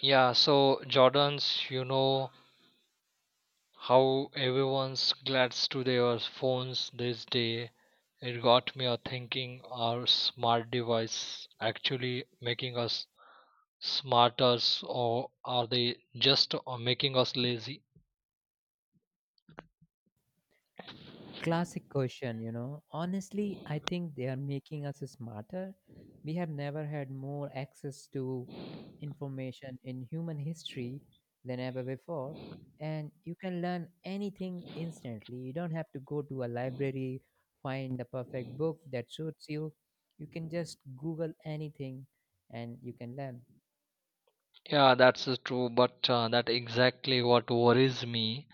Yeah, so Jordans, how everyone's glads to their phones these day. It got me a thinking are smart device actually making us smarter or are they just making us lazy? Classic question. Honestly, I think they are making us smarter. We have never had more access to information in human history than ever before, and you can learn anything instantly. You don't have to go to a library, find the perfect book that suits you. You can just Google anything and you can learn. Yeah, that's true, but that exactly what worries me.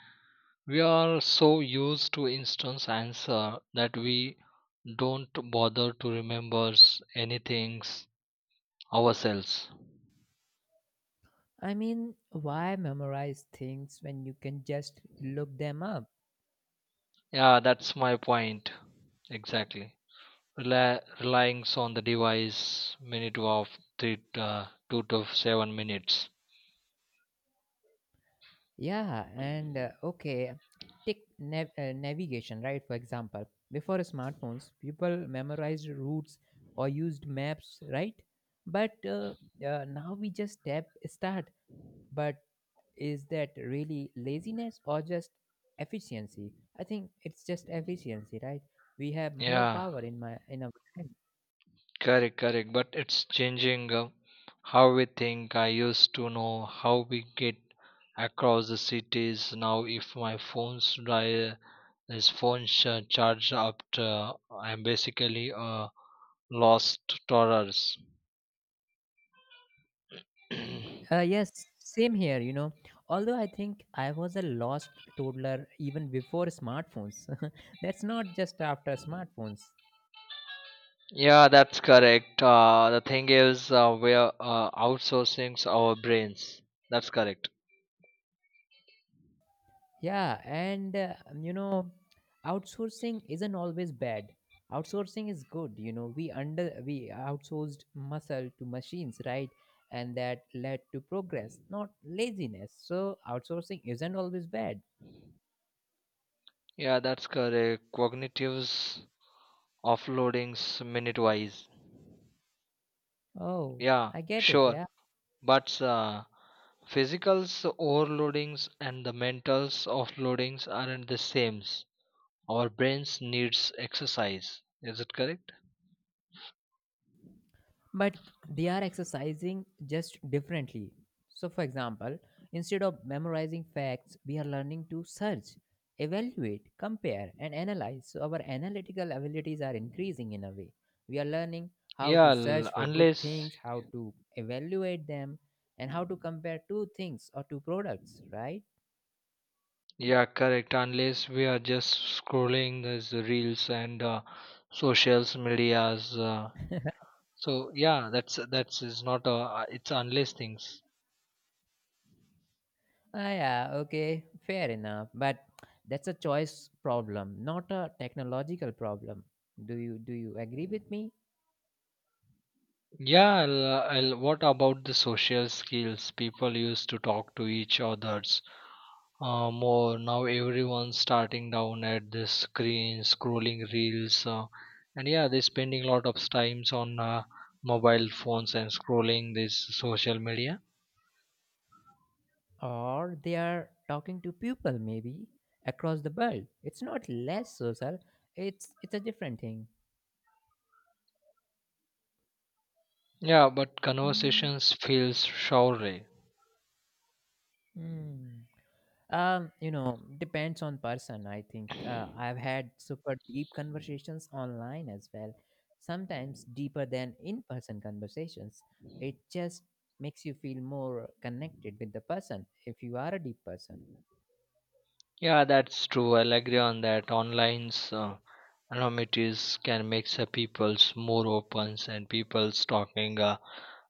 We are so used to instant answer that we don't bother to remember anything ourselves. I mean, why memorize things when you can just look them up? Yeah, that's my point. Exactly. Relying so on the device minute of three, 2 to 7 minutes. Yeah, and okay, take navigation, right? For example, before smartphones, people memorized routes or used maps, right? But now we just tap start. But is that really laziness or just efficiency? I think it's just efficiency, right? We have more Yeah, power in our hands. correct. But it's changing how we think. I used to know how we get across the cities. Now, if my phone's die, this phone charge up, to, I'm basically a lost tourist. Yes, same here. Although I think I was a lost toddler even before smartphones. That's not just after smartphones. Yeah, that's correct. The thing is, we are outsourcing our brains. That's correct. Yeah, and you know, outsourcing isn't always bad. Outsourcing is good. We outsourced muscle to machines, right? And that led to progress, not laziness. So outsourcing isn't always bad. Yeah, that's correct. Cognitives offloadings minute-wise. Oh, Yeah, I get it. sure. Yeah. But physicals overloadings and the mentals offloadings aren't the same. Our brains needs exercise. Is it correct? But they are exercising just differently. So, for example, instead of memorizing facts, we are learning to search, evaluate, compare, and analyze. So, our analytical abilities are increasing in a way. We are learning how to Yeah, l- search for good unless things, how to evaluate them, and how to compare two things or two products, right? Yeah, correct. Unless we are just scrolling these reels and socials medias. So yeah, that's is not a it's unless things. Ah, yeah, okay, fair enough. But that's a choice problem, not a technological problem. Do you agree with me? Yeah, what about the social skills? People used to talk to each others more. Now everyone's starting down at the screen, scrolling reels, and yeah, they're spending a lot of times on mobile phones and scrolling this social media. Or they are talking to people maybe across the world. It's not less social. It's a different thing. Yeah, but Mm. conversations feels shallow. Mm. Depends on person, I think. I've had super deep conversations online as well, sometimes deeper than in person conversations. It just makes you feel more connected with the person if you are a deep person. Yeah, that's true. I'll agree on that. Online's anonymities can make the people's more open and people's talking. Uh,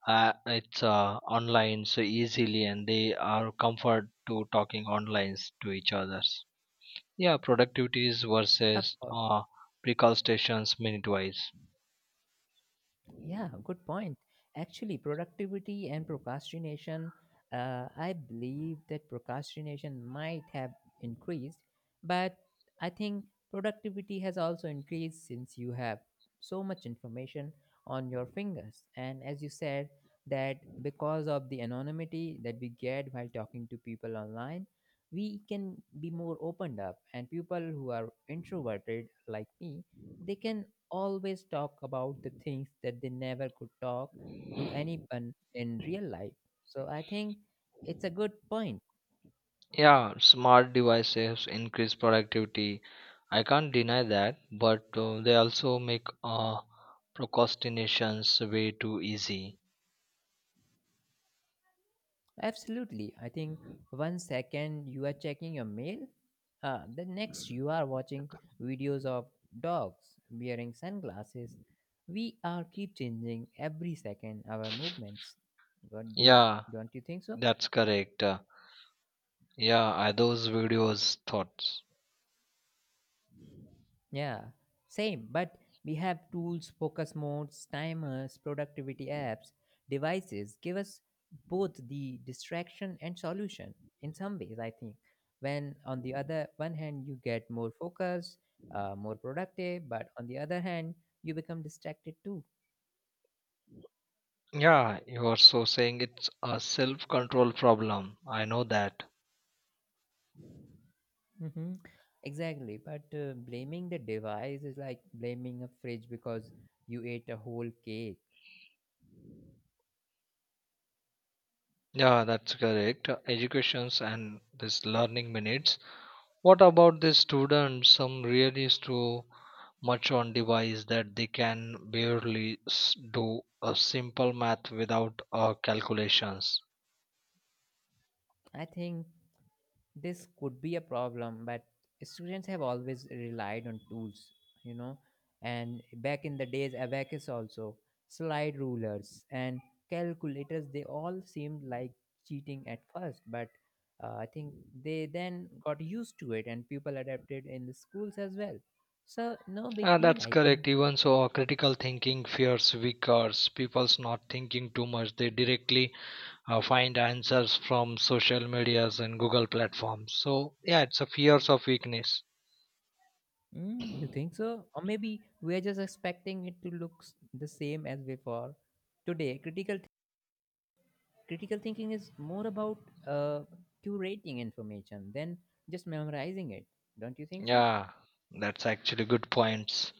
uh, It's online so easily, and they are comfort to talking online to each others. Yeah, productivities Of versus course. Precautions minute wise. Yeah, good point. Actually, productivity and procrastination, I believe that procrastination might have increased, but I think productivity has also increased since you have so much information on your fingers. And as you said, that because of the anonymity that we get while talking to people online, we can be more opened up, and people who are introverted like me, they can always talk about the things that they never could talk to anyone in real life. So I think it's a good point. Yeah, smart devices increase productivity. I can't deny that, but they also make procrastinations way too easy. Absolutely. I think one second you are checking your mail, the next you are watching videos of dogs wearing sunglasses. We are keep changing every second our movements. What do you, Yeah, don't you think so? that's correct. Yeah, are those videos thoughts. Yeah, same, but we have tools, focus modes, timers, productivity apps, devices give us both the distraction and solution in some ways, I think. When on the other one hand, you get more focus, more productive, but on the other hand, you become distracted too. Yeah, you are so saying it's a self-control problem. I know that. Hmm. Exactly, but blaming the device is like blaming a fridge because you ate a whole cake. Yeah, that's correct. Educations and this learning minutes. What about the students? Some really so much on device that they can barely do a simple math without calculations. I think this could be a problem, but students have always relied on tools you know and back in the days, abacus, also slide rulers and calculators, they all seemed like cheating at first, but I think they then got used to it, and people adapted in the schools as well, so no big deal, That's I think. correct. Even so, critical thinking fears weakers. People's not thinking too much. They directly find answers from social medias and Google platforms. So yeah, it's a fears of weakness. Mm, you think so? Or maybe we're just expecting it to look the same as before. Today, critical thinking is more about uh, curating information than just memorizing it. Don't you think so? Yeah, that's actually good points.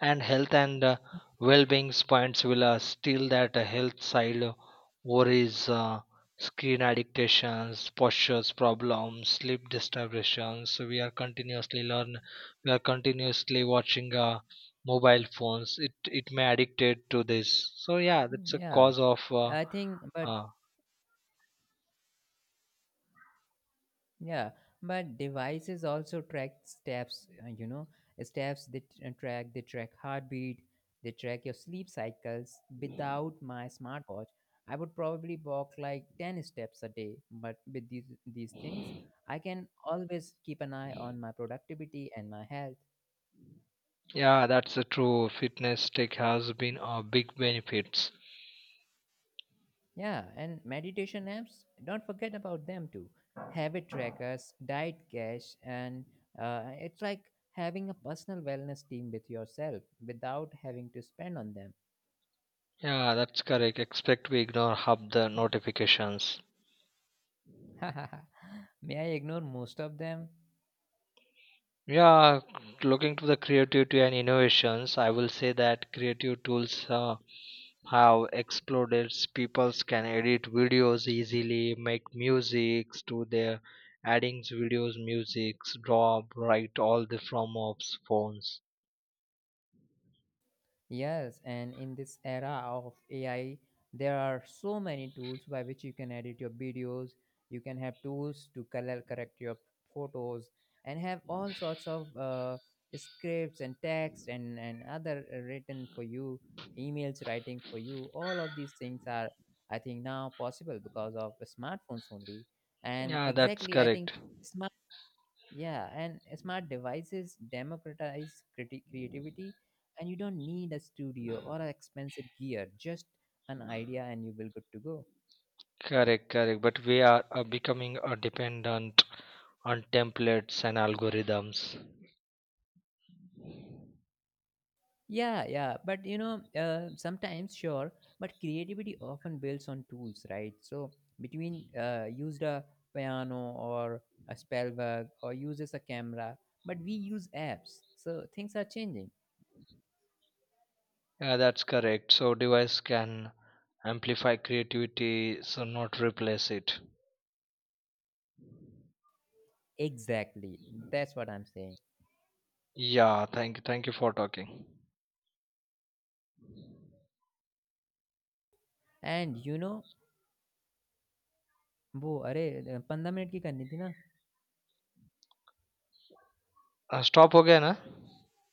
And health and well-being points will steal that health side, worries, screen addictions, postures problems, sleep disturbances. So we are continuously learn, we are continuously watching mobile phones. It may addicted to this. So yeah, that's a Yeah, cause of I think, but uh, yeah, but devices also track steps you know steps they track heartbeat, they track your sleep cycles. Without my smartwatch, I would probably walk like 10 steps a day, but with these things, I can always keep an eye on my productivity and my health. yeah, that's a true. Fitness tech has been a big benefits. Yeah, and meditation apps, don't forget about them too. Habit trackers, diet cash, and it's like having a personal wellness team with yourself without having to spend on them. Yeah, that's correct, expect we ignore half the notifications. May I ignore most of them? Yeah, looking to the creativity and innovations, I will say that creative tools have exploded. People can edit videos easily, make music to their adding videos, music, draw, write all the from of phones. Yes, and in this era of AI, there are so many tools by which you can edit your videos. You can have tools to color correct your photos and have all sorts of scripts and text and other written for you, emails writing for you. All of these things are, I think, now possible because of smartphones only. And Yeah, that's exactly, I think correct. smartphones. Yeah, and smart devices democratize creativity, and you don't need a studio or a expensive gear, just an idea, and you will good to go. Correct. But we are becoming dependent on templates and algorithms. Yeah, yeah, but sometimes sure, but creativity often builds on tools, right? So between used a piano or a spell bug or uses a camera, but we use apps, so things are changing. Yeah, that's correct. So device can amplify creativity, so not replace it. Exactly, that's what I'm saying. Yeah, thank you for talking. And वो अरे पंद्रह minute की करनी थी ना Stop, okay, na.